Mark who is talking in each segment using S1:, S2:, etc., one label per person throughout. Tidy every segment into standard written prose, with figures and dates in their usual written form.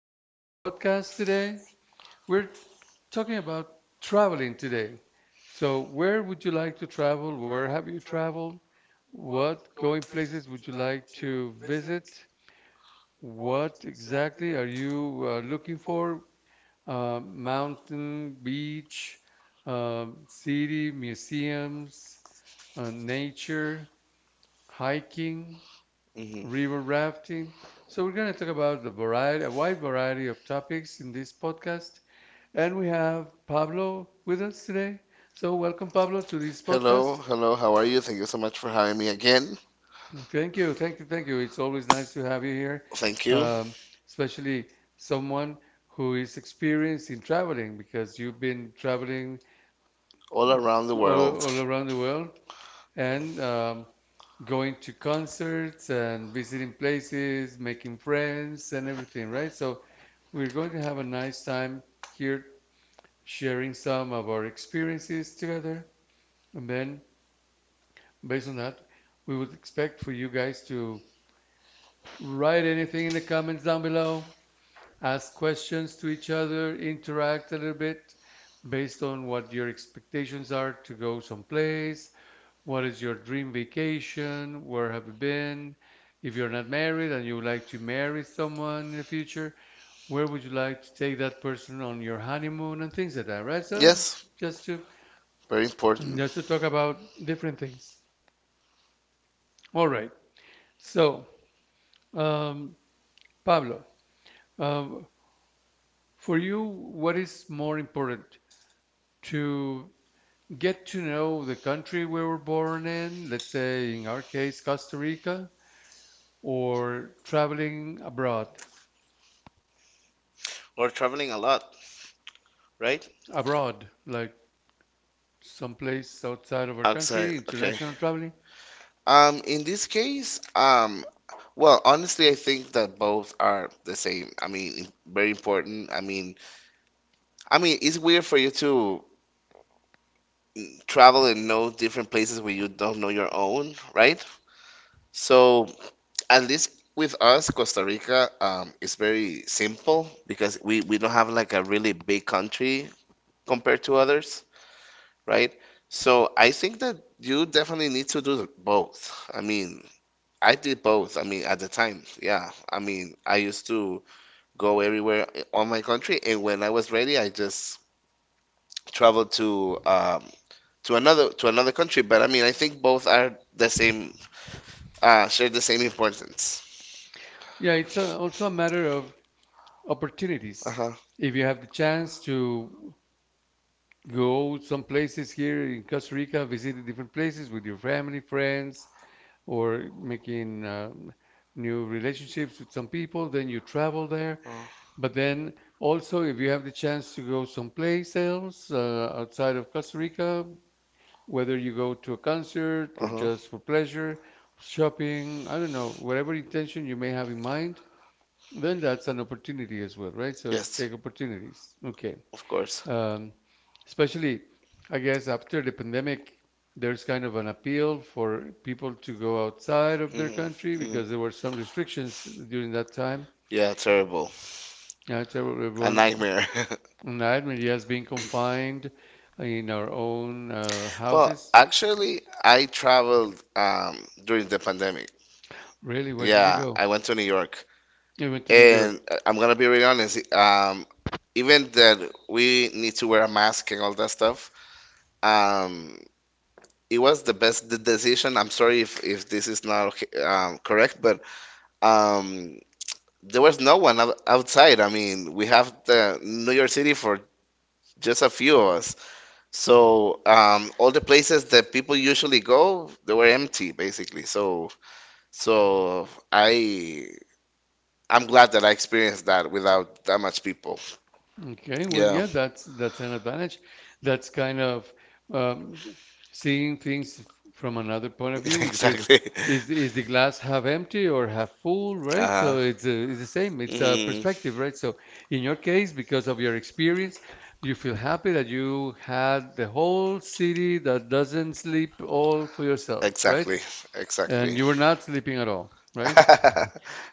S1: to our podcast today. We're talking about traveling today. So, where would you like to travel? Where have you traveled? What going places would you like to visit? What exactly are you looking for? Mountain, beach, city, museums, nature, hiking
S2: hmm
S1: river rafting. So we're going to talk about the variety, a wide variety of topics in this podcast. And we have Pablo with us today. So welcome,
S2: Hello,
S1: Pablo, to this podcast.
S2: podcast. Hello, how are you? Thank you so much for having me again.
S1: Mm, thank you, thank you, thank you. It's always nice to have you here,
S2: Thank
S1: you.
S2: you.
S1: Especially someone who is experienced in traveling because you've been traveling
S2: All around the All
S1: all, all
S2: world.
S1: around the world. And going to concerts and visiting places, making friends and everything, right? So we're going to have a nice time here sharing some of our experiences together. And then based on that, we would expect for you guys to write anything in the comments down below, ask questions to each other, interact a little bit based on what your expectations are to go someplace. What is your dream vacation? Where have you been? If you're not married and you would like to marry someone in the future, where would you like to take that person on your honeymoon and things like that, right? So
S2: Yes,
S1: just to
S2: very important.
S1: just to talk about different things. All right. So, um, Pablo, uh, for you, what is more important to get to know the country we were born in, let's say in our case, Costa Rica, or traveling abroad?
S2: We're traveling a lot, right?
S1: Abroad, like someplace outside of our
S2: Outside,
S1: country,
S2: okay.
S1: international traveling.
S2: In this case, well, honestly, I think that both are the same. I mean, very important. I mean, it's weird for you to travel and know different places where you don't know your own, right? So at least with us, Costa Rica, is very simple because we don't have like a really big country compared to others, right? So I think that you definitely need to do both. I mean, I did both. I mean, at the time, yeah. I mean, I used to go everywhere on my country, and when I was ready, I just traveled to another country. But I mean, I think both are the same, share the same importance.
S1: Yeah, it's a, also a matter of
S2: Uh
S1: opportunities.
S2: huh.
S1: If you have the chance to go some places here in Costa Rica, visit the different places with your family, friends, or making new relationships with some people, then you travel there.
S2: Uh
S1: But then also, if you have the chance to go someplace else outside of Costa Rica, whether you go to a concert or
S2: huh.
S1: just for pleasure, shopping, I don't know, whatever intention you may have in mind, then that's an opportunity as well, right? So you
S2: Yes,
S1: take opportunities. Okay.
S2: of course.
S1: Um, Especially, I guess, after the pandemic, there's kind of an appeal for people to go outside of their
S2: Mhm,
S1: country
S2: mhm.
S1: because there were some restrictions during that time.
S2: Yeah, terrible.
S1: Yeah, terrible,
S2: A
S1: everyone.
S2: nightmare.
S1: Nightmare, yes, being confined in our own
S2: Well,
S1: houses.
S2: actually, I traveled during the pandemic.
S1: Really, where did you
S2: Yeah,
S1: go?
S2: I went to New York.
S1: I went to New York.
S2: And I'm gonna be really honest, even that we need to wear a mask and all that stuff, um, it was the best the decision. I'm sorry if this is not okay, correct, but um, there was no one outside. I mean, we have the New York City for just a few of us. So all the places that people usually go, they were empty basically. So I'm glad that I experienced that without that much people.
S1: Okay, well, yeah, that's an advantage. That's kind of um, seeing things from another point of view, which
S2: Exactly. is
S1: is the
S2: the
S1: glass half empty or half full, right?
S2: Uh-huh.
S1: So it's the same. It's a perspective, right? So in your case, because of your experience, you feel happy that you had the whole city that doesn't sleep all for yourself, right?
S2: And
S1: And you were not sleeping at all, right?
S2: are, right?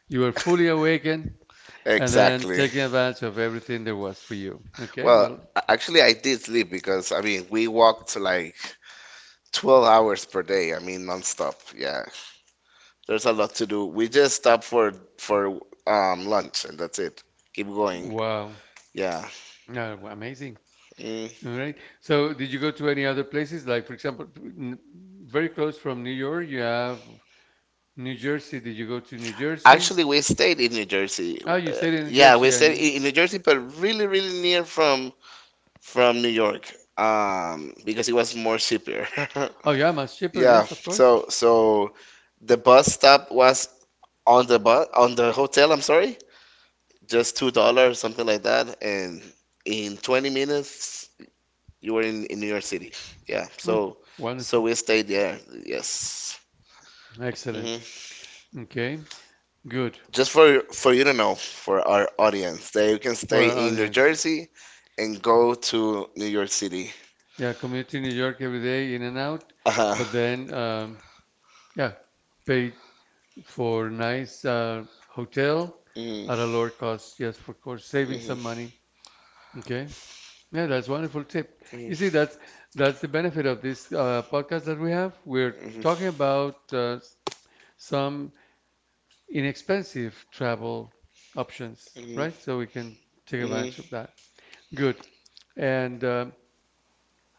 S1: You were fully awakened
S2: There.
S1: and then taking advantage of everything there was for you.
S2: Okay.
S1: Okay, well,
S2: Actually, I did sleep because I mean, we walked like 12 hours per day. I mean, nonstop. Yeah. There's a lot to do. We just stopped for lunch and that's it. Keep going.
S1: wow,
S2: Yeah.
S1: uh, amazing.
S2: Mm.
S1: All right. So, did you go to any other places? Like, for example, very close from New York, you have New Jersey. Did you go to New Jersey?
S2: Actually, we stayed in New Jersey.
S1: Oh, you stayed in New
S2: Yeah, we
S1: Jersey,
S2: stayed
S1: and
S2: in New Jersey, but really, really near from New York, because it was more cheaper.
S1: oh yeah, much cheaper.
S2: Yeah.
S1: Yes, of course.
S2: So the bus stop was on the bus on the hotel. I'm sorry, just $2, something like that, and in 20 minutes you were in New York City. Yeah.
S1: Oh,
S2: So
S1: wonderful.
S2: we stayed there. Yes. hmm
S1: Excellent. Okay, good
S2: Just for you to know, for our audience, that you can
S1: for
S2: stay
S1: our
S2: in New
S1: audience.
S2: Jersey and go to New York City.
S1: Yeah, community New York every day, in and out.
S2: Uh-huh.
S1: But then, yeah, paid for nice hotel
S2: Mhm.
S1: at a lower cost. Yes, of course, saving
S2: Mhm.
S1: some money. Okay. Yeah, that's wonderful tip.
S2: Mhm.
S1: You see, that's the benefit of this podcast that we have. We're talking about some inexpensive travel options,
S2: Mhm. Mhm.
S1: right? So we can take
S2: Mhm.
S1: advantage of that. Good. And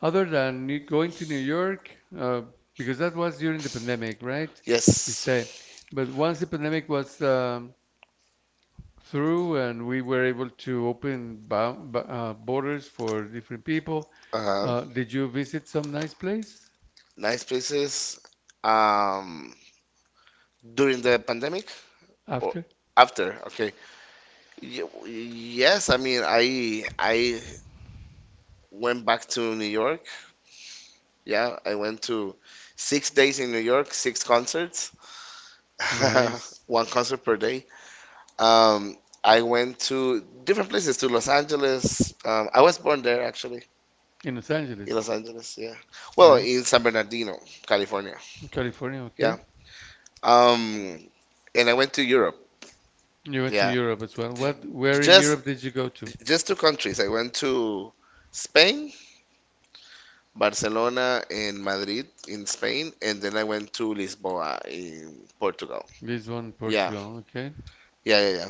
S1: other than going to New York, uh, because that was during the pandemic, right? You
S2: Yes.
S1: say. But once the pandemic was through and we were able to open borders for different people,
S2: Uh-huh.
S1: did you visit some nice place
S2: Nice places. Um, during the pandemic or
S1: after?
S2: after? Okay. Y- Yes, I mean, I went back to New York. Yeah, I went to 6 days in New York, 6 concerts,
S1: Nice.
S2: one concert per day. Um, I went to different places, to Los Angeles. I was born there actually,
S1: In Los
S2: in
S1: Angeles.
S2: Los Angeles. Yeah, well, in
S1: Nice.
S2: San Bernardino, California.
S1: In California, okay.
S2: Yeah. Um, and I went to Europe.
S1: You went to
S2: Yeah,
S1: Europe as well. What, where in
S2: just
S1: Europe did you go to?
S2: just two countries. I went to Spain, Barcelona and Madrid in Spain, and then I went to Lisboa in Portugal.
S1: Lisbon,
S2: Yeah,
S1: Portugal, okay.
S2: yeah.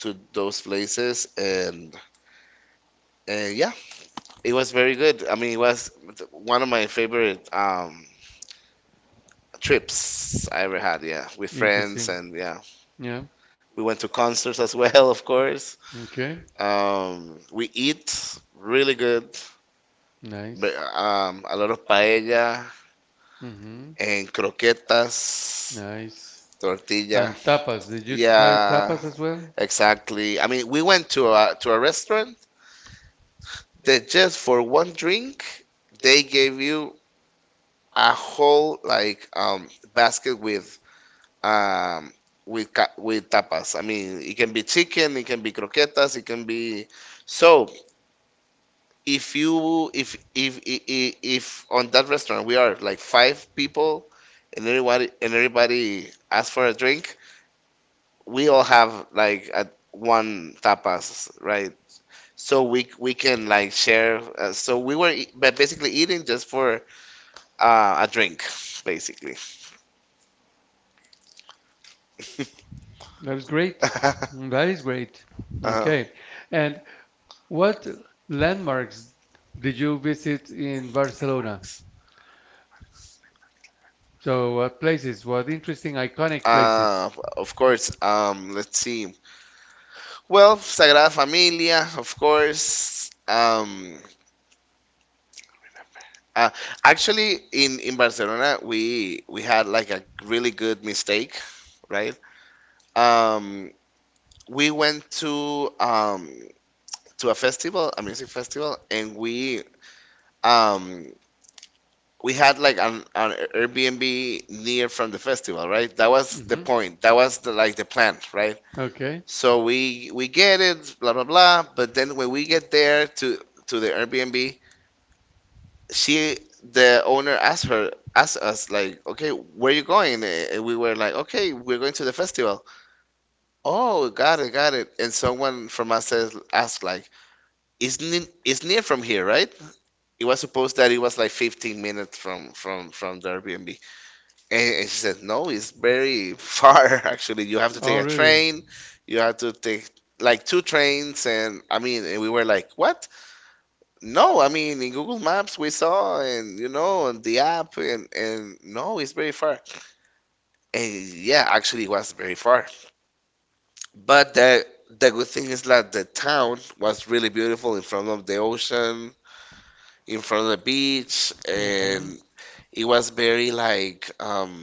S2: To those places, and yeah, it was very good. I mean, it was one of my favorite trips I ever had. Yeah, with friends,
S1: Interesting.
S2: and yeah,
S1: Yeah.
S2: we went to concerts as well, of course.
S1: Okay.
S2: We eat really good, but
S1: Nice.
S2: a lot of paella
S1: Mm-hmm.
S2: and croquetas,
S1: Nice.
S2: tortilla.
S1: And tapas. Did you try
S2: Yeah,
S1: tapas as well?
S2: exactly. I mean, we went to a restaurant that just for one drink, they gave you a whole like basket um with with tapas. I mean, it can be chicken, it can be croquetas, it can be. So if you if on that restaurant we are like five people and everybody asks for a drink, we all have like one tapas, right? So we can like share. So we were but basically eating just for a drink, basically.
S1: That was great. Mm, that is great.
S2: uh,
S1: Okay. And what landmarks did you visit in Barcelona? So, what places? What interesting, iconic places?
S2: uh, of course. Let's see. Well, Sagrada Familia, of course. Uh, actually, in Barcelona, we had like a really good mistake, right? Um, we went to a festival, a music festival, and um we had like an Airbnb near from the festival, right? That was the
S1: Mhm.
S2: point. That was the like the plan, right?
S1: Okay.
S2: So we get it, blah blah blah. But then when we get there to the Airbnb, she the owner asked us like, okay, where you going? And we were like, okay, we're going to the festival. Oh, got it, got it. And someone from us says asked like, is near from here, right? It was supposed that it was like 15 minutes from the Airbnb, and she said no, it's very far actually. You have to take a train, you have to take like two trains, and I mean, and we were like, what? No, I mean, in Google Maps we saw, and you know, on the app, and no, it's very far. And yeah, actually, it was very far. But the good thing is that the town was really beautiful in front of the ocean, in front of the beach, and
S1: Mhm.
S2: it was very like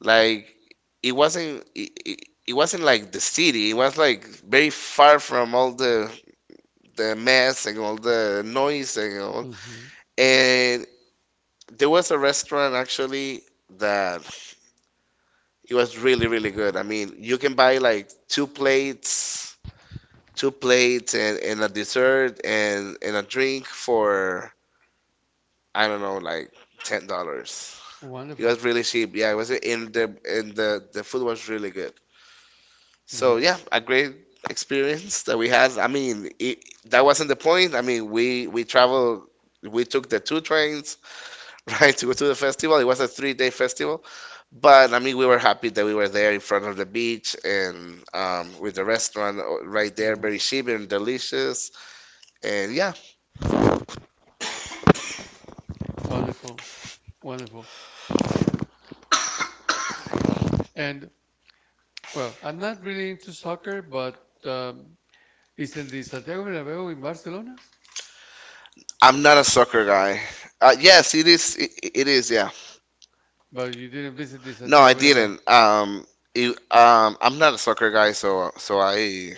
S2: like it wasn't it, it, it wasn't like the city. It was like very far from all the mess and all the noise and all.
S1: Mhm.
S2: And there was a restaurant actually that it was really really good. I mean, you can buy like two plates, and a dessert and a drink for I don't know, like $10.
S1: It was
S2: It
S1: wonderful.
S2: was really cheap. Yeah, it was in the and the the food was really good. So yeah, a great experience that we had. I mean, that wasn't the point. I mean, we traveled. We took the two trains, right, to go to the festival. It was a 3-day festival, but I mean, we were happy that we were there in front of the beach and with the restaurant right there, very cheap and delicious. And yeah,
S1: Wonderful. Wonderful. And well, I'm not really into soccer, but um, is in the Santiago Bernabeu in Barcelona?
S2: I'm not a soccer guy. Yes, it is. It is. Yeah,
S1: But you didn't visit the
S2: no, I
S1: Santiago Bernabeu.
S2: didn't. I'm not a soccer guy, so so I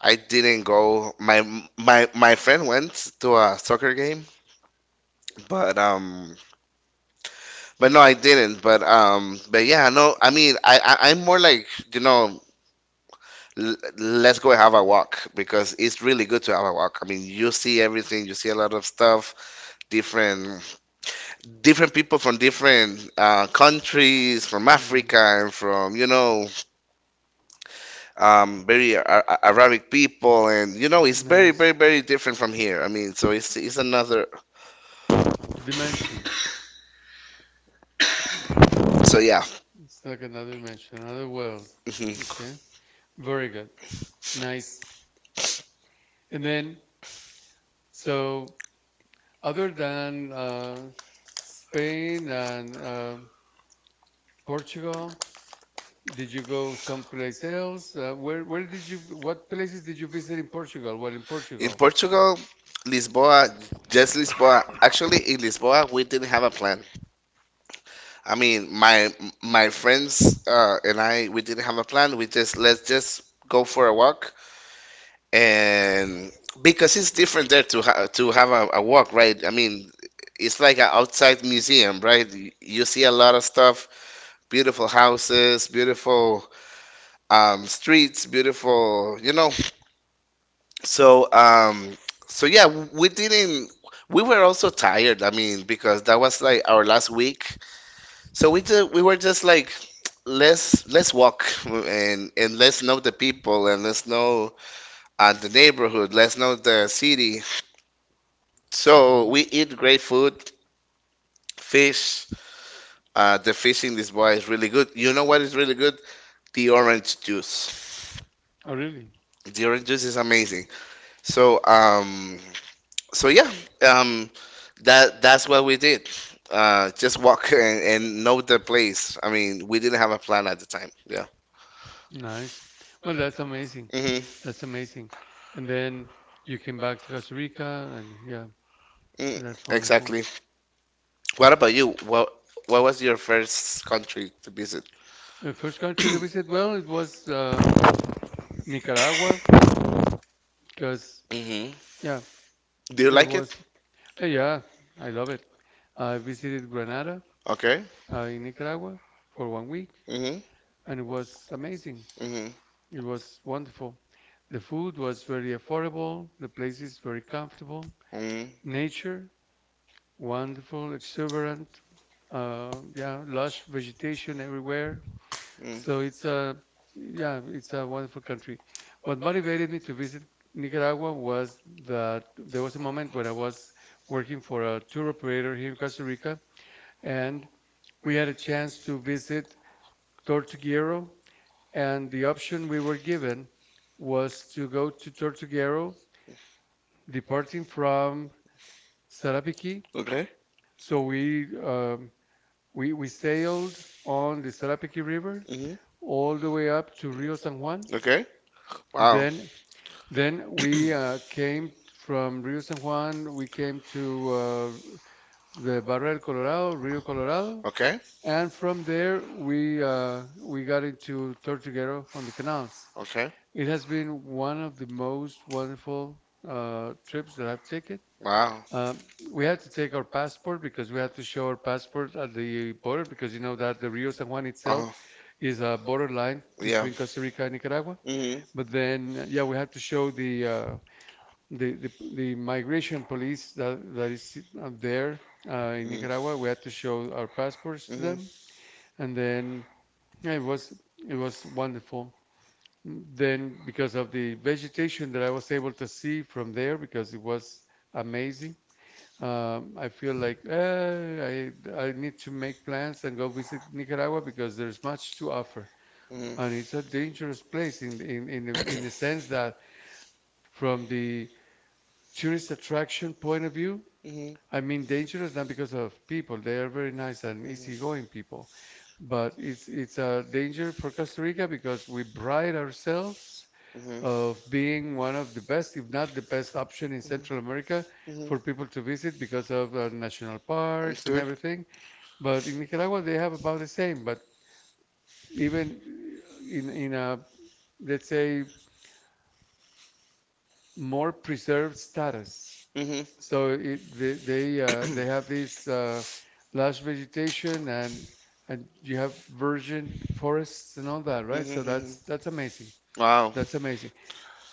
S2: I didn't go. My friend went to a soccer game, but um, but no, I didn't. But yeah, no. I mean, I'm more like, you know, let's go have a walk because it's really good to have a walk. I mean, you see everything, you see a lot of stuff, different different people from different countries, from
S1: Mhm.
S2: Africa and from, you know, very Arabic people, and you know, it's very,
S1: Nice.
S2: very, very different from here. I mean, so it's another.
S1: Dimension.
S2: So yeah.
S1: It's like another dimension, another world.
S2: hmm
S1: Okay. Very good. Nice. And then, so other than Spain and Portugal, did you go someplace else? Where did you what places did you visit in Portugal? Well, in
S2: in
S1: Portugal.
S2: Portugal, Lisboa, just Lisboa. Actually, in Lisboa, we didn't have a plan. I mean, my friends and I, we didn't have a plan. We just let's just go for a walk, and because it's different there to to have a walk, right? I mean. It's like an outside museum, right? You see a lot of stuff, beautiful houses, beautiful streets, beautiful, you know. So, so yeah, we didn't. We were also tired. I mean, because that was like our last week. So we were just like, let's walk and let's know the people and let's know the neighborhood. Let's know the city. So
S1: Mhm.
S2: we eat great food. Fish, the fish in this bar is really good. You know what is really good? The orange juice.
S1: Oh, really?
S2: The orange juice is amazing. So yeah, um that's what we did. Uh, just walk and know the place. I mean, we didn't have a plan at the time. Yeah.
S1: Nice. Well, that's amazing.
S2: Hmm.
S1: That's amazing. And then you came back to Costa Rica, and yeah,
S2: Mm,
S1: that's wonderful.
S2: exactly. What about you? What was your first country to visit?
S1: The first country that we said, well, it was Nicaragua, because
S2: Hmm.
S1: yeah,
S2: Do you
S1: there
S2: like it?
S1: was. Yeah, I love it. I visited Granada
S2: Okay.
S1: in Nicaragua for 1 week,
S2: Hmm.
S1: and it was amazing.
S2: Hmm.
S1: It was wonderful. The food was very affordable. The place is very comfortable.
S2: Mm.
S1: Nature wonderful, exuberant, yeah, lush vegetation everywhere.
S2: Mm.
S1: So it's a, yeah, it's a wonderful country. What motivated me to visit Nicaragua was that there was a moment when I was working for a tour operator here in Costa Rica, and we had a chance to visit Tortuguero, and the option we were given was to go to Tortuguero, departing from Sarapiquí.
S2: Okay.
S1: So we sailed on the Salapiki River
S2: Hmm.
S1: all the way up to Rio San Juan.
S2: Okay. Wow.
S1: Then then we came from Rio San Juan, we came to the Barra del Colorado, Rio Colorado,
S2: Okay.
S1: and from there we got into Tortuguero on the canals.
S2: Okay.
S1: It has been one of the most wonderful trips that I've taken. Um, we had to take our passport because we had to show our passport at the border because you know that the Rio San Juan
S2: Wow.
S1: itself is a borderline
S2: Yeah.
S1: between Costa Rica and Nicaragua.
S2: Hmm. Hmm.
S1: But then, yeah, we had to show the the migration police that that is there in
S2: Hmm.
S1: Nicaragua. We had to show our passports to
S2: Hmm.
S1: them, and then yeah, it was wonderful. Then because of the vegetation that I was able to see from there because it was amazing I feel like I need to make plans and go visit Nicaragua because there's much to offer,
S2: Hmm. Hmm.
S1: and it's a
S2: Hmm.
S1: dangerous place
S2: Okay.
S1: in the sense that from the tourist attraction point of view,
S2: Hmm.
S1: I mean dangerous not because of people. They are very nice and easygoing people, but it's a danger for Costa Rica because we pride ourselves of being one of the best, if not the best option in Central America for people to visit because of national parks and everything. But in Nicaragua, they have about the same, but even in a let's say more preserved status. So it, they have this lush vegetation and you have virgin forests and all that, right? So
S2: Hmm.
S1: that's amazing.
S2: Wow.
S1: That's amazing.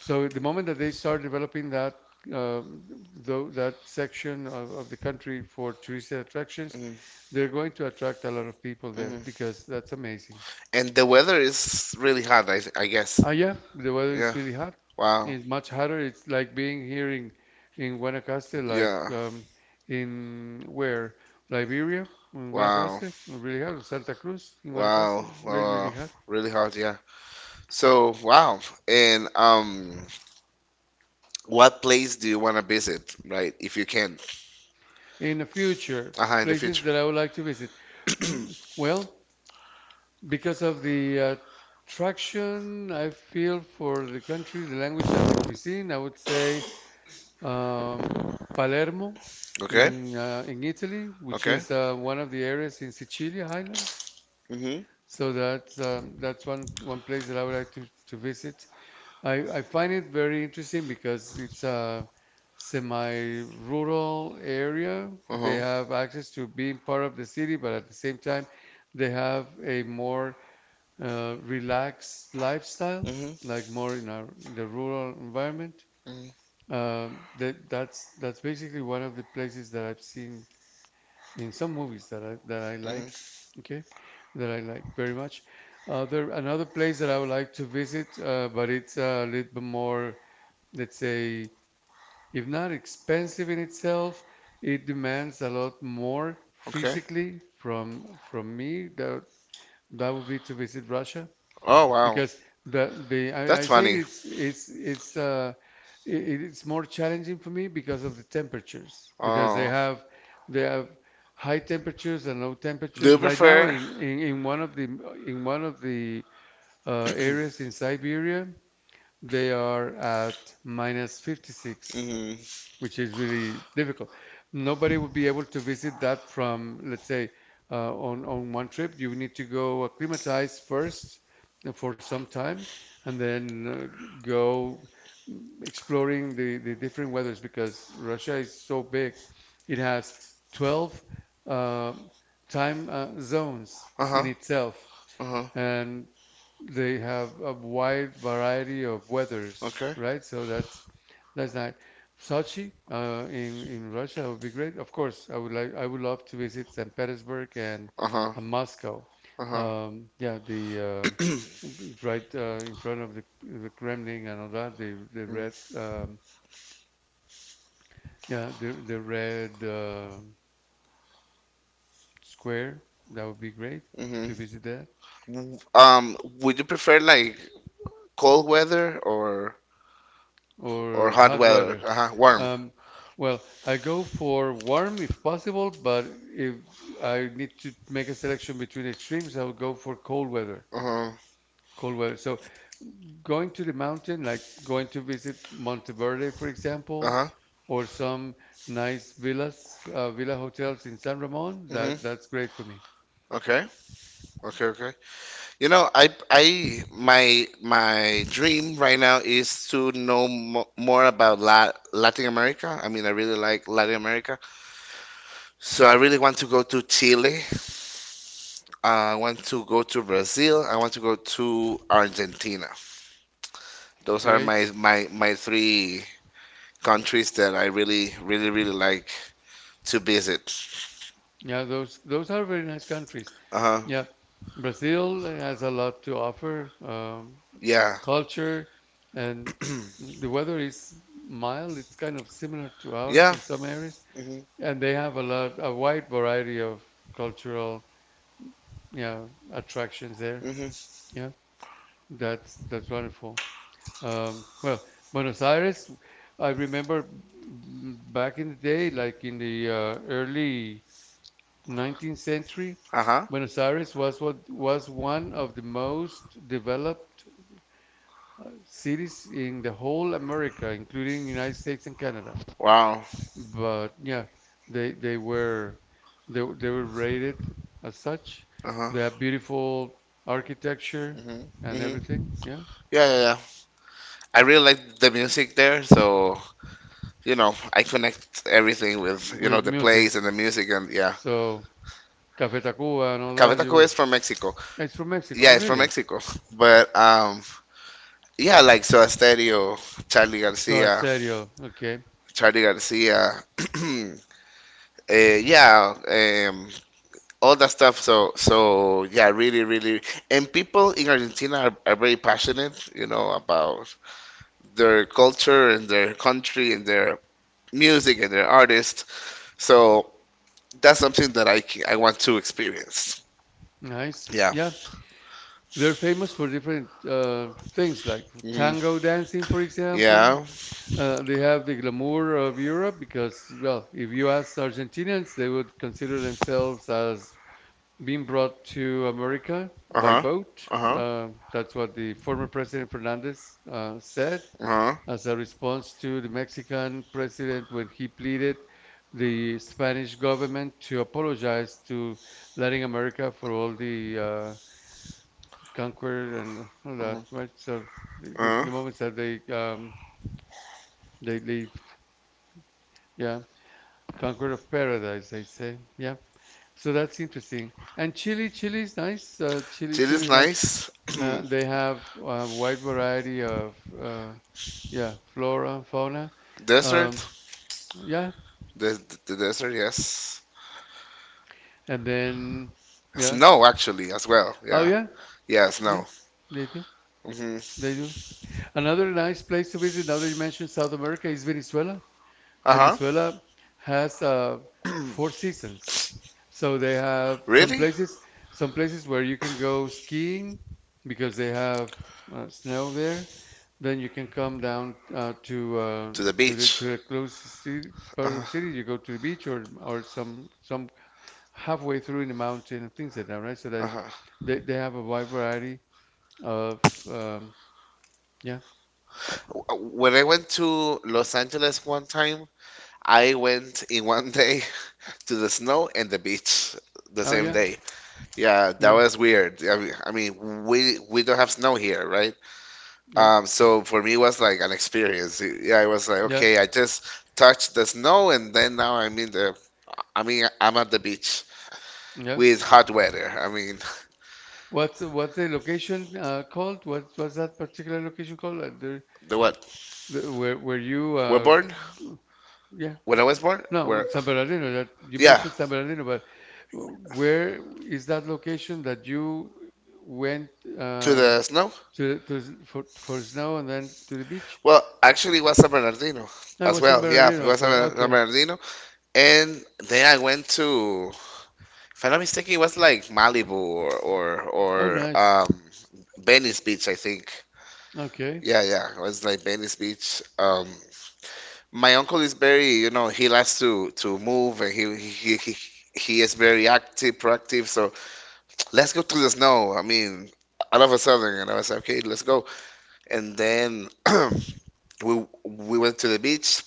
S1: So the moment that they start developing that um, though that section of the country for touristic attractions,
S2: Hmm.
S1: they're going to attract a lot of people there
S2: Hmm.
S1: because that's amazing.
S2: And the weather is really hot, I guess.
S1: Ah, yeah, the weather is
S2: Yeah.
S1: really hot.
S2: Wow.
S1: It's much hotter. It's like being here in Guanacaste, like
S2: Yeah.
S1: in where Liberia, in
S2: Wow.
S1: Guanacaste, really hot. Santa Cruz, in
S2: Wow.
S1: Guanacaste,
S2: Wow.
S1: really really
S2: Wow.
S1: hot.
S2: Really hard, yeah. So, wow. And what place do you want to visit, right? If you can.
S1: In the future,
S2: Uh-huh, in the
S1: places
S2: future.
S1: that I would like to visit. Mm, well, because of the attraction I feel for the country, the language, and the cuisine, I would say um, Palermo
S2: Okay.
S1: in Italy, which
S2: Okay.
S1: is one of the areas in Sicilia Island.
S2: Mhm.
S1: So that's one place that I would like to visit. I find it very interesting because it's a semi-rural area. They
S2: Uh-huh.
S1: have access to being part of the city, but at the same time, they have a more relaxed lifestyle,
S2: Mhm.
S1: like more in our the rural environment.
S2: Mhm.
S1: That's basically one of the places that I've seen in some movies that I
S2: Mhm.
S1: like. Okay, that I like very much. Other Another place that I would like to visit, but it's a little bit more, let's say, if not expensive in itself, it demands a lot more
S2: Okay.
S1: physically from me. That that would be to visit Russia
S2: Oh, wow.
S1: because
S2: That's
S1: I say
S2: funny.
S1: it's i- it's more challenging for me because of the temperatures because
S2: Oh.
S1: they have high temperatures and low
S2: Do
S1: temperatures
S2: you
S1: right now
S2: prefer?
S1: in one of the in one of the areas in Siberia they are at minus 56
S2: Mhm.
S1: which is really difficult. Nobody would be able to visit that from, let's say, on one trip. You need to go acclimatize first, for some time, and then go, exploring the different weathers because Russia is so big. It has 12 uh, time zones in
S2: Uh-huh.
S1: itself,
S2: Uh-huh.
S1: and they have a wide variety of weathers,
S2: Okay.
S1: right? So that's nice. Sochi, in Russia would be great. Of course, I would love to visit St. Petersburg and,
S2: Uh-huh.
S1: Moscow.
S2: Uh-huh.
S1: Yeah, right, in front of the Kremlin and all that. The red,
S2: Mm-hmm.
S1: yeah, the red, square. That would be great
S2: Mm-hmm.
S1: to visit that.
S2: Would you prefer like cold weather or
S1: Or
S2: hot
S1: hot
S2: weather?
S1: weather.
S2: Uh-huh. Warm.
S1: Um, well, I go for warm if possible, but if I need to make a selection between extremes, I would go for cold weather.
S2: Uh-huh.
S1: Cold weather. So going to the mountain, like going to visit Monteverde, for example,
S2: Uh-huh.
S1: or some nice villas, villa hotels in San Ramon, that's
S2: Mm-hmm.
S1: great for me.
S2: Okay. Okay. Okay. You know, I my dream right now is to know mo more about La Latin America. I mean, I really like Latin America. So I really want to go to Chile. I want to go to Brazil. I want to go to Argentina. Those are my
S1: Great.
S2: my three countries that I really really like to visit.
S1: Yeah, those are very nice countries.
S2: Uh-huh.
S1: Yeah, Brazil has a lot to offer.
S2: Yeah.
S1: Culture, and the weather is mild. It's kind of similar to ours
S2: Yeah.
S1: in some areas,
S2: hmm
S1: and they have a lot, a wide variety of cultural, yeah, attractions there.
S2: hmm
S1: Yeah, that's wonderful. Well, Buenos Aires, I remember, back in the day, like in the early 19th century,
S2: Uh-huh.
S1: Buenos Aires was what was one of the most developed cities in the whole America, including United States and Canada.
S2: Wow.
S1: But yeah, they they were they were rated as such.
S2: Uh-huh.
S1: They have beautiful architecture
S2: hmm
S1: and
S2: hmm
S1: everything. Yeah,
S2: Yeah, yeah, yeah, I really like the music there, so I connect everything with
S1: with
S2: the
S1: music.
S2: place and the music and yeah.
S1: So Café Tacuba and all
S2: Café
S1: that. You
S2: Tacuba
S1: were,
S2: is from Mexico.
S1: it's from Mexico.
S2: Yeah,
S1: Oh,
S2: it's from
S1: really?
S2: Mexico. But yeah, like Soda Stereo, Charlie
S1: So
S2: Garcia,
S1: Estéreo. Okay,
S2: Charlie Garcia. uh, yeah, um, all that stuff. So yeah, really. And people in Argentina are very passionate, you know, about their culture and their country and their music and their artists. So that's something that I want to experience.
S1: nice.
S2: Yeah.
S1: Yeah, they're famous for different things like
S2: Mhm.
S1: tango dancing, for example.
S2: Yeah.
S1: They have the glamour of Europe because, well, if you ask Argentinians, they would consider themselves as being brought to America
S2: Uh
S1: by
S2: huh.
S1: boat.
S2: Uh huh.
S1: That's what the former President Fernandez said
S2: Uh
S1: as a response to the Mexican president when he pleaded the Spanish government to apologize to Latin America for all the, conquer and all that,
S2: huh.
S1: right? So the,
S2: Uh huh.
S1: the moments that they lived. Yeah. Conqueror of Paradise, they say. Yeah. So that's interesting. And Chile is nice. Chile,
S2: Chile
S1: Chile
S2: is
S1: is nice.
S2: nice.
S1: They have a wide variety of, yeah, flora, fauna.
S2: Desert.
S1: Um, yeah.
S2: The, the desert. Yes.
S1: And then, yeah.
S2: Snow actually as well.
S1: Oh,
S2: Yeah.
S1: yeah.
S2: Yeah.
S1: Yeah.
S2: Snow.
S1: They do.
S2: Hmm
S1: They do. Another nice place to visit, now that you mentioned South America, is Venezuela.
S2: Uh huh.
S1: Venezuela has, four seasons. So they have
S2: Really?
S1: some places where you can go skiing because they have, snow there. Then you can come down,
S2: To the beach.
S1: to the closest city,
S2: Uh
S1: part of the city. You
S2: huh.
S1: go to the beach or some halfway through in the mountain and things like that, right? So
S2: Uh
S1: they
S2: huh.
S1: they, they have a wide variety of, um, yeah.
S2: When I went to Los Angeles one time, I went in one day to the snow and the beach the
S1: Oh
S2: same
S1: yeah,
S2: Okay. day. Yeah, that
S1: yeah,
S2: was weird. I mean, we don't have snow here, right?
S1: yeah,
S2: So for me, it was like an experience. Yeah, I was like,
S1: yeah,
S2: okay, I just touched the snow and then now I'm in I mean, I'm at the beach
S1: yeah.
S2: with hot weather. I mean,
S1: What's the location, called? What's that particular location called?
S2: the what?
S1: The where you
S2: We're born?
S1: g- yeah,
S2: When I was born?
S1: no,
S2: Where?
S1: San Bernardino that you
S2: Yeah,
S1: mentioned, San Bernardino, but where is that location that you went,
S2: to
S1: uh,
S2: the snow.
S1: to s- for snow and then to the beach?
S2: Well, actually, it was San Bernardino
S1: No, it
S2: as
S1: was San
S2: well. Yeah, it
S1: Bernardino as
S2: was
S1: well.
S2: San
S1: Okay.
S2: Bernardino. And then I went to, if I'm not mistaken, it was like Malibu or or,
S1: Oh,
S2: or
S1: nice.
S2: Venice Beach, I think.
S1: Okay.
S2: Yeah, yeah, it was like Venice Beach. My uncle is very, you know, he likes to move and he he is very active, proactive. So let's go to the snow. I mean, all of a sudden, and I was like, okay, let's go. And then we went to the beach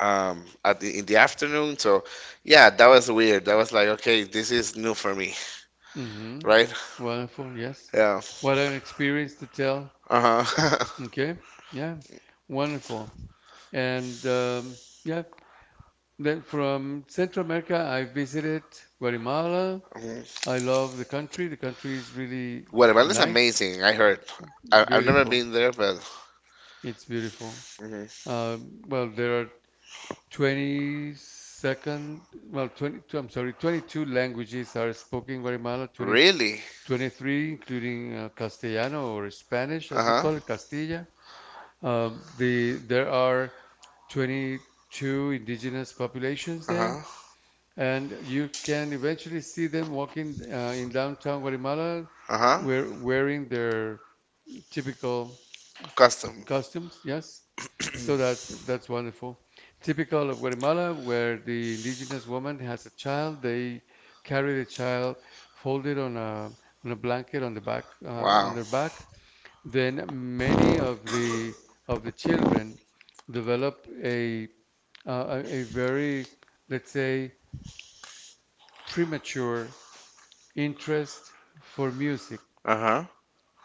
S2: at in the afternoon. So yeah, that was weird. That was like, okay, this is new for me,
S1: Mm-hmm.
S2: right?
S1: Wonderful. Yes.
S2: Yeah.
S1: What an experience to tell.
S2: Uh-huh.
S1: Okay. Yeah. Wonderful. And, yeah, then from Central America, I visited Guatemala.
S2: Mhm.
S1: I love the country. The country is really
S2: Guatemala is
S1: nice,
S2: amazing, I heard. I've never
S1: beautiful.
S2: been there, but
S1: It's beautiful.
S2: mhm.
S1: Well, there are 22nd, well, 20, I'm sorry, 22 languages are spoken in Guatemala. 20
S2: Really?
S1: 23, including, Castellano or Spanish, as we
S2: Uh-huh.
S1: call it, Castilla. There are 22 indigenous populations there,
S2: Uh-huh.
S1: and you can eventually see them walking, in downtown Guatemala,
S2: Uh-huh.
S1: wearing their typical
S2: Custom.
S1: costumes. Yes, so that's wonderful. Typical of Guatemala, where the indigenous woman has a child, they carry the child folded on a blanket on the back, on
S2: Wow.
S1: their back. Then many of the children develop a very, let's say, premature interest for music.
S2: Uh-huh.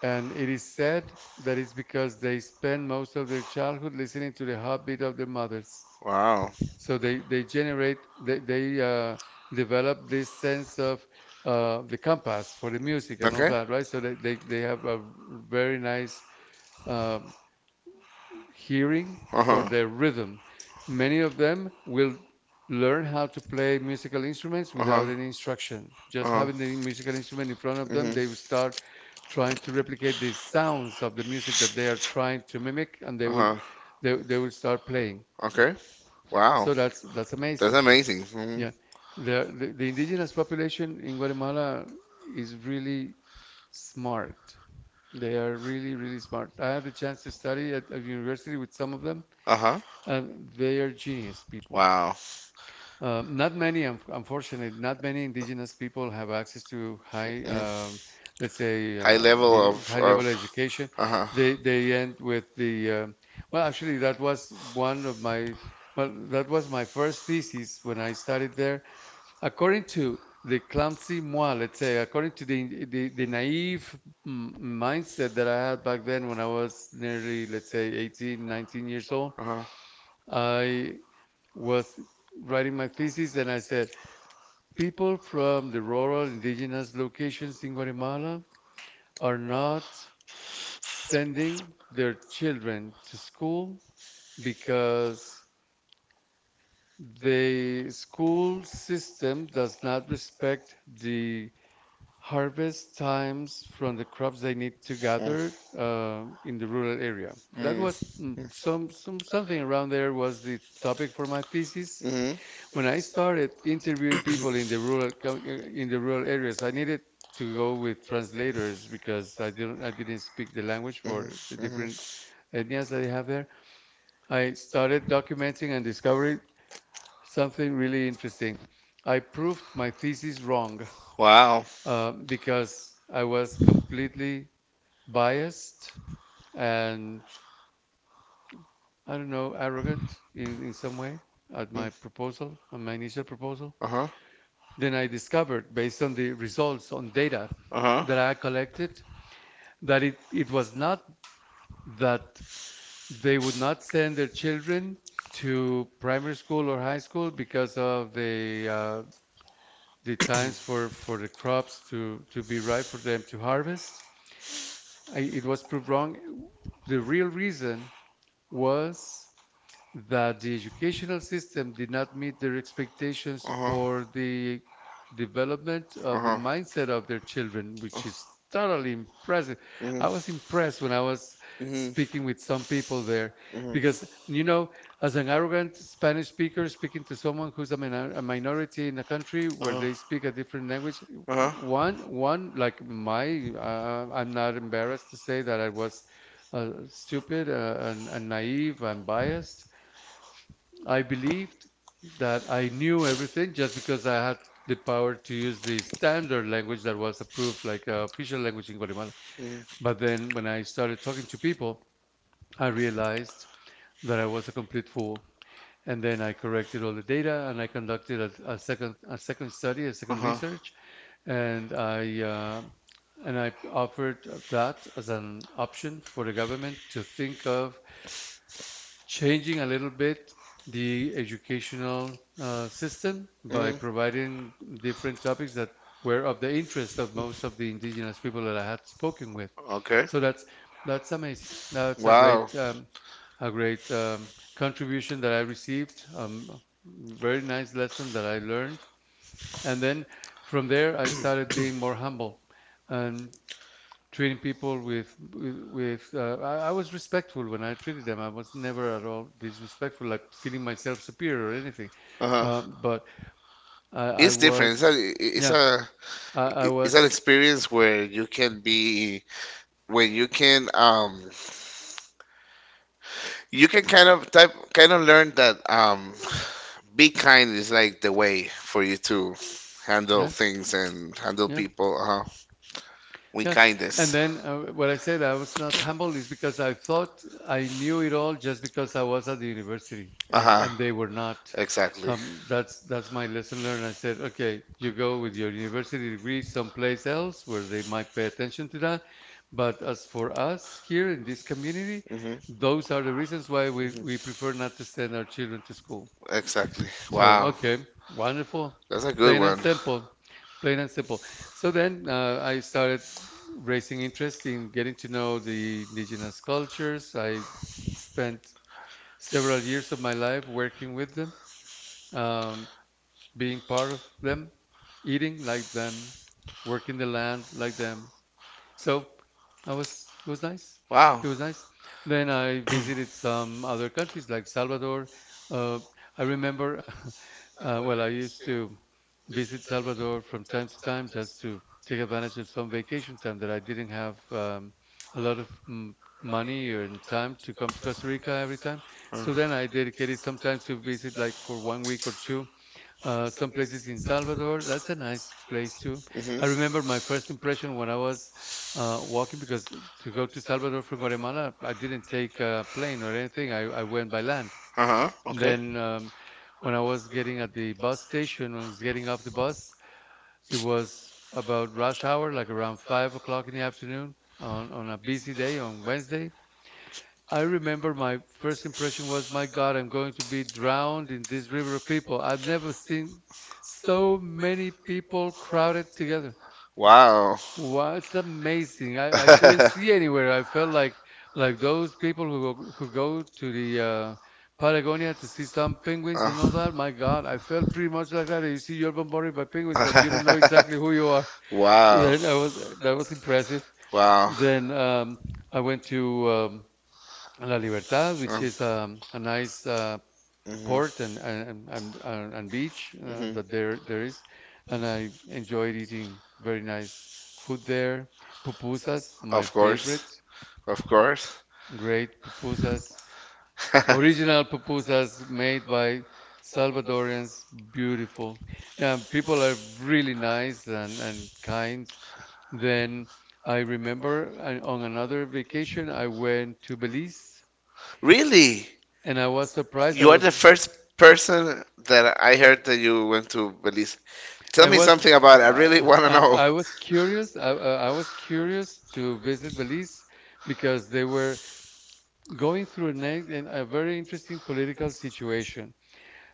S1: And it is said that it's because they spend most of their childhood listening to the heartbeat of their mothers.
S2: Wow.
S1: So they generate, they develop this sense of, the compass for the music and all
S2: Okay.
S1: that, right? So they have a very nice, uh, hearing, for
S2: Uh-huh.
S1: their rhythm. Many of them will learn how to play musical instruments
S2: Uh-huh.
S1: without any instruction. Just
S2: Uh-huh.
S1: having the musical instrument in front of them,
S2: Mm-hmm.
S1: they will start trying to replicate the sounds of the music that they are trying to mimic, and they will
S2: Uh-huh.
S1: they, they will start playing.
S2: Okay. Wow.
S1: So that's
S2: That's
S1: amazing.
S2: amazing. Hmm
S1: Yeah, the indigenous population in Guatemala is really smart. They are really, really smart. I had the chance to study at a university with some of them.
S2: Uh-huh.
S1: They are genius people.
S2: Wow.
S1: Not many, unfortunately, not many indigenous people have access to high,
S2: Mm.
S1: let's say,
S2: High level of
S1: high level
S2: of.
S1: education.
S2: Uh-huh.
S1: They end with the well, actually, that was one of my well, that was my first thesis when I studied there. According to the clumsy moi, let's say, according to the naive mindset that I had back then when I was nearly, let's say, 18, 19 years old.
S2: Uh-huh.
S1: I was writing my thesis, and I said, people from the rural indigenous locations in Guatemala are not sending their children to school because the school system does not respect the harvest times from the crops they need to gather, in the rural area. That
S2: Mm.
S1: was,
S2: Mm.
S1: something around there was the topic for my thesis.
S2: Mm-hmm.
S1: When I started interviewing people in in the rural areas, I needed to go with translators because I didn't speak the language for the different
S2: Mm-hmm.
S1: etnias that they have there. I started documenting and discovering something really interesting. I proved my thesis wrong,
S2: Wow.
S1: because I was completely biased and, I don't know, arrogant in some way at
S2: Mm.
S1: my proposal, on my initial proposal.
S2: Uh-huh.
S1: Then I discovered, based on the results on data that I collected,
S2: Uh-huh.
S1: that it was not that they would not send their children to primary school or high school because of the times for the crops to be ripe for them to harvest. It was proved wrong. The real reason was that the educational system did not meet their expectations
S2: Uh-huh.
S1: for the development of the
S2: Uh-huh.
S1: mindset of their children, which is totally impressive.
S2: Mhm.
S1: I was impressed when I was
S2: Mhm.
S1: speaking with some people there
S2: Mhm.
S1: because,
S2: Uh-huh.
S1: as an arrogant Spanish speaker speaking to someone who's a minority in a country where
S2: Uh-huh.
S1: they speak a different language. I'm not embarrassed to say that I was, stupid, and naive and biased. I believed that I knew everything just because I had the power to use the standard language that was approved like, official language in Guatemala. But then when I started talking to people, I realized that I was a complete fool. And then I corrected all the data and I conducted a second study, a second
S2: Uh-huh.
S1: research, and I offered that as an option for the government to think of changing a little bit the educational, system by
S2: Mhm.
S1: providing different topics that were of the interest of most of the indigenous people that I had spoken with.
S2: Okay.
S1: So that's amazing. That's a
S2: Wow.
S1: great, a great um, contribution that I received. Very nice lesson that I learned. And then from there, I started being more humble. And treating people with, I was respectful when I treated them. I was never at all disrespectful, like feeling myself superior or anything.
S2: Uh-huh.
S1: But I
S2: It's different. It's
S1: was,
S2: a, it's
S1: yeah,
S2: a,
S1: I
S2: it's an
S1: was,
S2: experience where you can be when you can kind of learn that be kind is like the way for you to handle
S1: yeah,
S2: things and handle
S1: yeah.
S2: people. Uh-huh. With
S1: Yeah, and
S2: kindness.
S1: then, when I said I was not humble is because I thought I knew it all just because I was at the university, and
S2: Uh-huh.
S1: and they were not.
S2: Exactly.
S1: That's my lesson learned. I said, okay, you go with your university degree someplace else where they might pay attention to that, but as for us here in this community,
S2: hmm
S1: those are the reasons why we prefer not to send our children to school.
S2: exactly.
S1: So,
S2: Wow.
S1: okay, wonderful.
S2: That's a good
S1: Plain and
S2: one.
S1: simple. Plain and simple. So then, I started raising interest in getting to know the indigenous cultures. I spent several years of my life working with them, um, being part of them, eating like them, working the land like them, so I was it was nice.
S2: Wow.
S1: It was nice. Then I visited some other countries like Salvador. Uh, I remember, well, I used to visit Salvador from time to time just to take advantage of some vacation time that I didn't have, a lot of m money or in time to come to Costa Rica every time. So then
S2: hmm
S1: I dedicated some time to visit like for one week or two, some places in Salvador. That's a nice place too. I remember my first impression when I was walking, because to go to Salvador from Guatemala, I didn't take a plane or anything. I went by land.
S2: uh-huh. Okay.
S1: Then, when I was getting at the bus station, when I was getting off the bus, it was about rush hour, like around 5 o'clock in the afternoon on a busy day on Wednesday. I remember my first impression was, my God, I'm going to be drowned in this river of people. I've never seen so many people crowded together.
S2: Wow.
S1: Wow, it's amazing. I couldn't see anywhere. I felt like those people who go to the, Patagonia to see some penguins and
S2: Oh.
S1: all that. My God, I felt pretty much like that. You see, you're bombarded by penguins, but you don't know exactly who you are.
S2: Wow.
S1: Then I was that was impressive.
S2: Wow.
S1: Then, I went to, La Libertad, which is,
S2: Mm.
S1: a nice,
S2: Mm-hmm.
S1: port and beach,
S2: hmm
S1: that there is, and I enjoyed eating very nice food there. Pupusas, my
S2: Of course.
S1: favorite,
S2: Of course.
S1: great pupusas, original pupusas made by Salvadorians, beautiful. Yeah, people are really nice and kind. Then I remember, on another vacation I went to Belize,
S2: Really?
S1: and I was surprised. I
S2: You are the
S1: was
S2: first person that I heard that you went to Belize. Tell
S1: I
S2: me
S1: was
S2: something about it. I
S1: uh,
S2: really want to know.
S1: I was curious. I was curious to visit Belize because they were going through a very interesting political situation.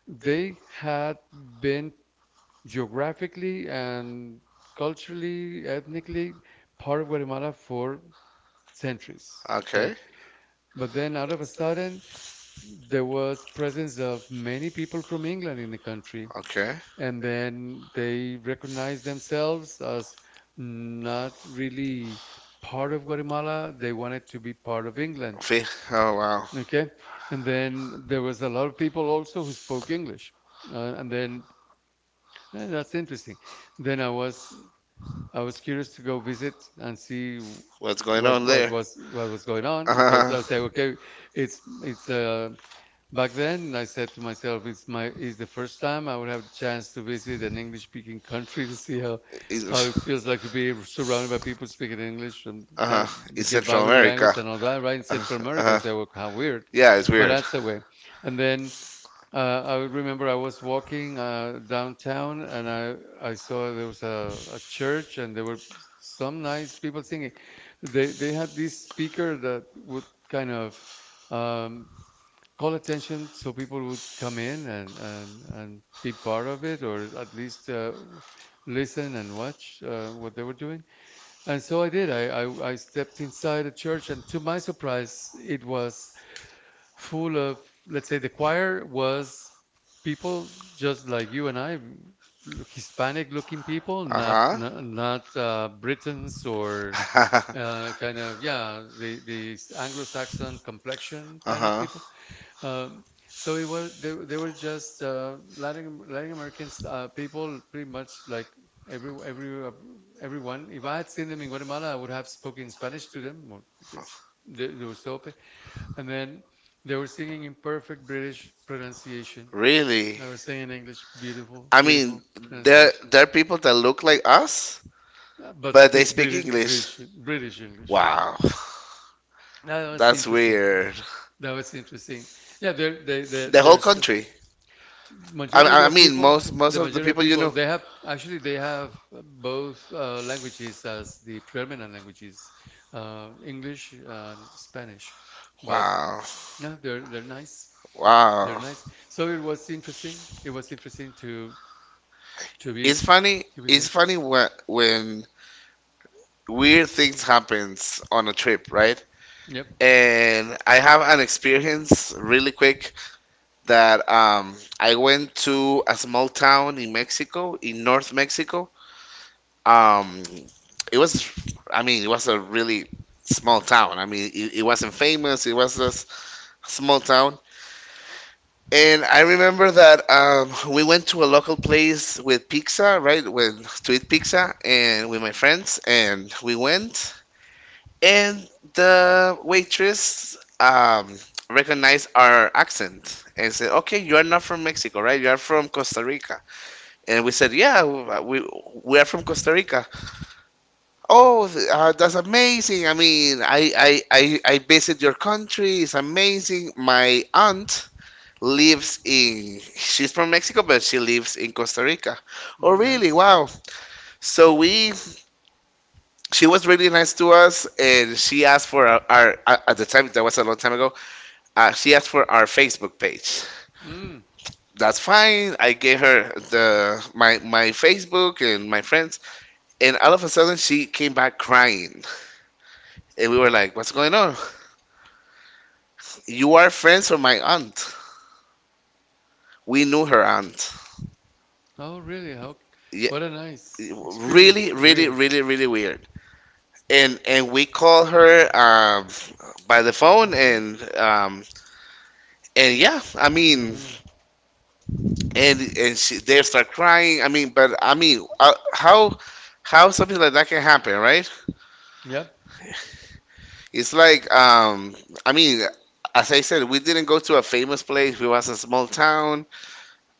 S1: They had been geographically and culturally, ethnically part of Guatemala for centuries, right?
S2: Okay,
S1: But then out of a sudden, there was presence of many people from England in the country,
S2: okay.
S1: and then they recognize themselves as not really part of Guatemala. They wanted to be part of England.
S2: Fe- Oh wow,
S1: Okay, and then there was a lot of people also who spoke English, and that's interesting. Then I was curious to go visit and see
S2: what's going on there?
S1: what was going
S2: Uh
S1: on, because
S2: huh.
S1: I say okay, it's back then, I said to myself, it's the first time I would have the chance to visit an English-speaking country to see
S2: In,
S1: how it feels like to be surrounded by people speaking English and
S2: Uh
S1: that,
S2: huh. In
S1: to get by
S2: Central
S1: with the language
S2: America.
S1: and all that, right? In
S2: Uh
S1: Central America,
S2: huh.
S1: it's like, how weird,
S2: Yeah, it's
S1: but
S2: weird.
S1: that's the way. And then, I remember I was walking, downtown, and I saw there was a church and there were some nice people singing. They had this speaker that would kind of, um, call attention so people would come in and, and be part of it, or at least, listen and watch, what they were doing. And so I did. I stepped inside a church, and to my surprise, it was full of, let's say, the choir was people just like you and I, Hispanic looking people,
S2: Uh huh.
S1: not, Britons, or, kind of, yeah, the Anglo-Saxon complexion
S2: Uh
S1: kind of
S2: huh.
S1: people. Um, so it was they were just, Latin Americans, people pretty much like every every uh, everyone. If I had seen them in Guatemala, I would have spoken Spanish to them, because they were so open. And then they were singing in perfect British pronunciation.
S2: Really?
S1: They were singing in English, beautiful,
S2: I mean,
S1: beautiful
S2: there
S1: pronunciation,
S2: there are people that look like us,
S1: but
S2: but they
S1: speak
S2: speak English.
S1: British English.
S2: Wow,
S1: That was
S2: that's
S1: interesting.
S2: weird.
S1: That was interesting. Yeah, there they
S2: The whole
S1: there's.
S2: country. I
S1: Majority
S2: I I
S1: of
S2: mean,
S1: people,
S2: most of the people you know.
S1: they have both, languages as the predominant languages, English and Spanish. But
S2: Wow,
S1: yeah, they're nice. They're
S2: wow.
S1: nice. So it was interesting. It was interesting to to be
S2: It's funny.
S1: to be
S2: It's
S1: there.
S2: funny when when weird things happens on a trip, right?
S1: Yep.
S2: And I have an experience really quick that I went to a small town in Mexico, in North Mexico. Um, it was, I mean, it was a really small town. I mean, it wasn't famous. It was a s- Small town. And I remember that we went to a local place with pizza, right? With to eat pizza, and with my friends, and we went. And the waitress recognized our accent and said, "Okay, you are not from Mexico, right? You are from Costa Rica." And we said, "Yeah, we are from Costa Rica." Oh, that's amazing! I mean, I visit your country. It's amazing. My aunt lives in she's from Mexico but she lives in Costa Rica. Oh
S1: Mm.
S2: really?
S1: Nice.
S2: Wow. So we She was really nice to us and she asked for our at the time that was a long time ago. She asked for our Facebook page.
S1: Mm.
S2: That's fine. I gave her the my Facebook and my friends, and all of a sudden she came back crying, and we were like, "What's going on? You are friends with my aunt. We knew her aunt.
S1: Oh, really? How?
S2: Yeah,
S1: What a nice experience.
S2: really, really,
S1: Weird.
S2: really, really weird." And we called her by the phone,
S1: hmm
S2: and yeah, I mean,
S1: hmm
S2: and she they start crying. I mean, but I mean, how something like that can happen, right?
S1: Yep.
S2: It's like, I mean, as I said, we didn't go to a famous place. We was a small town,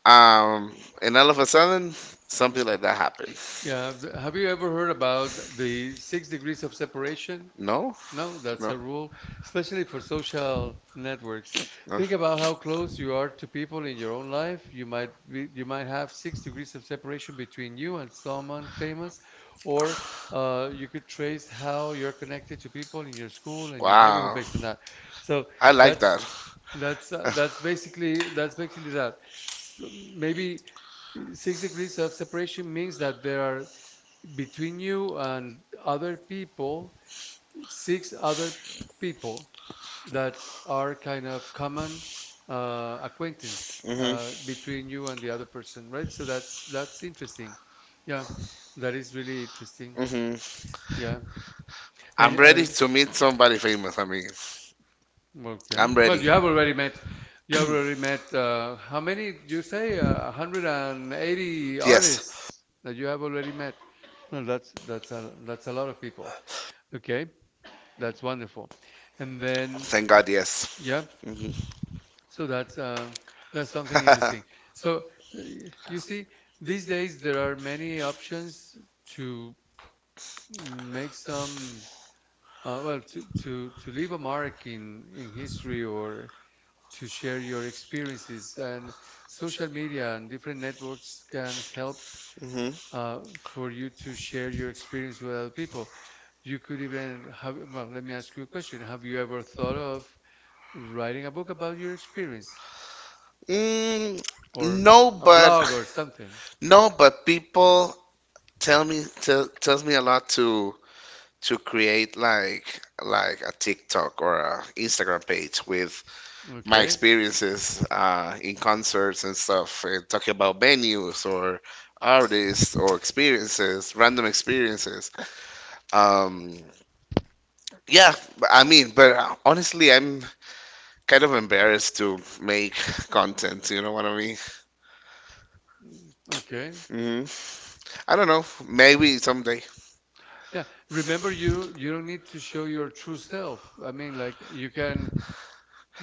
S2: um, and all of a sudden, something like that happened.
S1: Yeah, have you ever heard about the six degrees of separation?
S2: No,
S1: No, that's
S2: no,
S1: a rule, especially for social networks.
S2: no.
S1: Think about how close you are to people in your own life. You might have six degrees of separation between you and someone famous, or, you could trace how you're connected to people in your school and your neighborhood
S2: Wow,
S1: based on that. So
S2: I like
S1: that's
S2: that.
S1: that's basically that. So maybe six degrees of separation means that there are between you and other people, six other people that are kind of common, acquaintance,
S2: hmm
S1: between you and the other person, right? So that's interesting. Yeah, that is really interesting.
S2: hmm
S1: Yeah,
S2: I'm
S1: and I,
S2: ready to meet somebody famous. I mean, I'm
S1: okay. Well,
S2: ready.
S1: you have already met. You have already met. How many? Did you say, 180
S2: Yes,
S1: artists that you have already met? Well, that's a lot of people. Okay, that's wonderful. And then,
S2: thank God. Yes.
S1: yeah,
S2: hmm
S1: so that's something interesting. So, you see, these days there are many options to make some, well, to leave a mark in history, or to share your experiences, and social media and different networks can help,
S2: hmm
S1: for you to share your experience with other people. You could even have, well, let me ask you a question. Have you ever thought of writing a book about your experience,
S2: Mm,
S1: or
S2: no,
S1: a
S2: but
S1: blog or something?
S2: no, but people tell me tells me a lot to create like a TikTok or a Instagram page with my
S1: Okay.
S2: experiences in concerts and stuff, and talking about venues or artists or experiences, random experiences. Um, yeah, I mean, but honestly, I'm kind of embarrassed to make content. You know what I mean?
S1: Okay.
S2: Hmm I don't know. Maybe someday.
S1: Yeah, remember you don't need to show your true self. I mean, like, you can,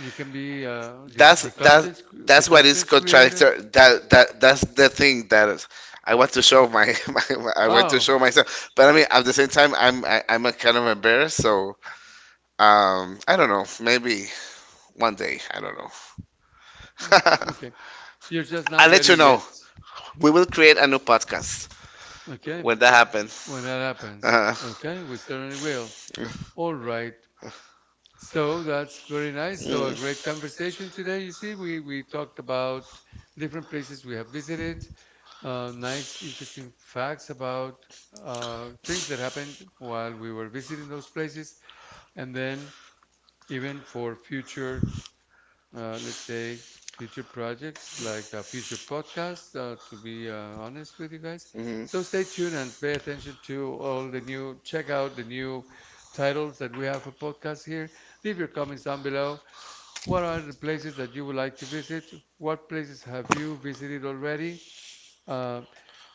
S1: you can be, the
S2: That's
S1: the
S2: that.
S1: content cr- the
S2: That's what is
S1: content creator.
S2: contractor. That's the thing that is- I want to show my, my I want to
S1: Oh,
S2: show myself. But I mean, at the same time, I'm a kind of embarrassed. So I don't know. Maybe one day. I don't know.
S1: yeah, okay. You're just not
S2: I'll let
S1: ready
S2: you know.
S1: yet.
S2: We will create a new podcast
S1: Okay.
S2: when that happens.
S1: When that happens.
S2: Uh,
S1: Okay, we certainly will.
S2: mm.
S1: All right. So that's very nice. So a
S2: Mhm.
S1: great conversation today. You see, we talked about different places we have visited, nice, interesting facts about, things that happened while we were visiting those places, and then even for future, let's say, future projects, like, future podcasts, to be, honest with you guys.
S2: Mhm.
S1: So stay tuned and pay attention to all the new, check out the new titles that we have for podcasts here. Leave your comments down below. What are the places that you would like to visit? What places have you visited already? Uh,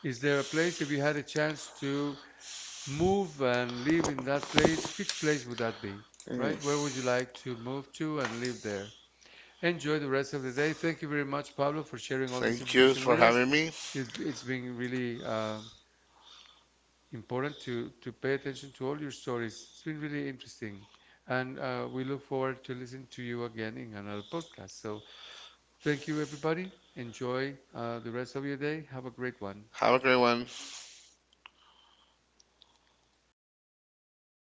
S1: is there a place, if you had a chance to move and live in that place, which place would that be? Right? Where would you like to move to and live there? Enjoy the rest of the day. Thank you very much, Pablo, for sharing all this
S2: Thank you
S1: information
S2: for
S1: with us.
S2: having me.
S1: It's been really, important to pay attention to all your stories. It's been really interesting. And, we look forward to listening to you again in another podcast. So thank you, everybody. Enjoy, the rest of your day. Have a great one.
S2: Have a great one.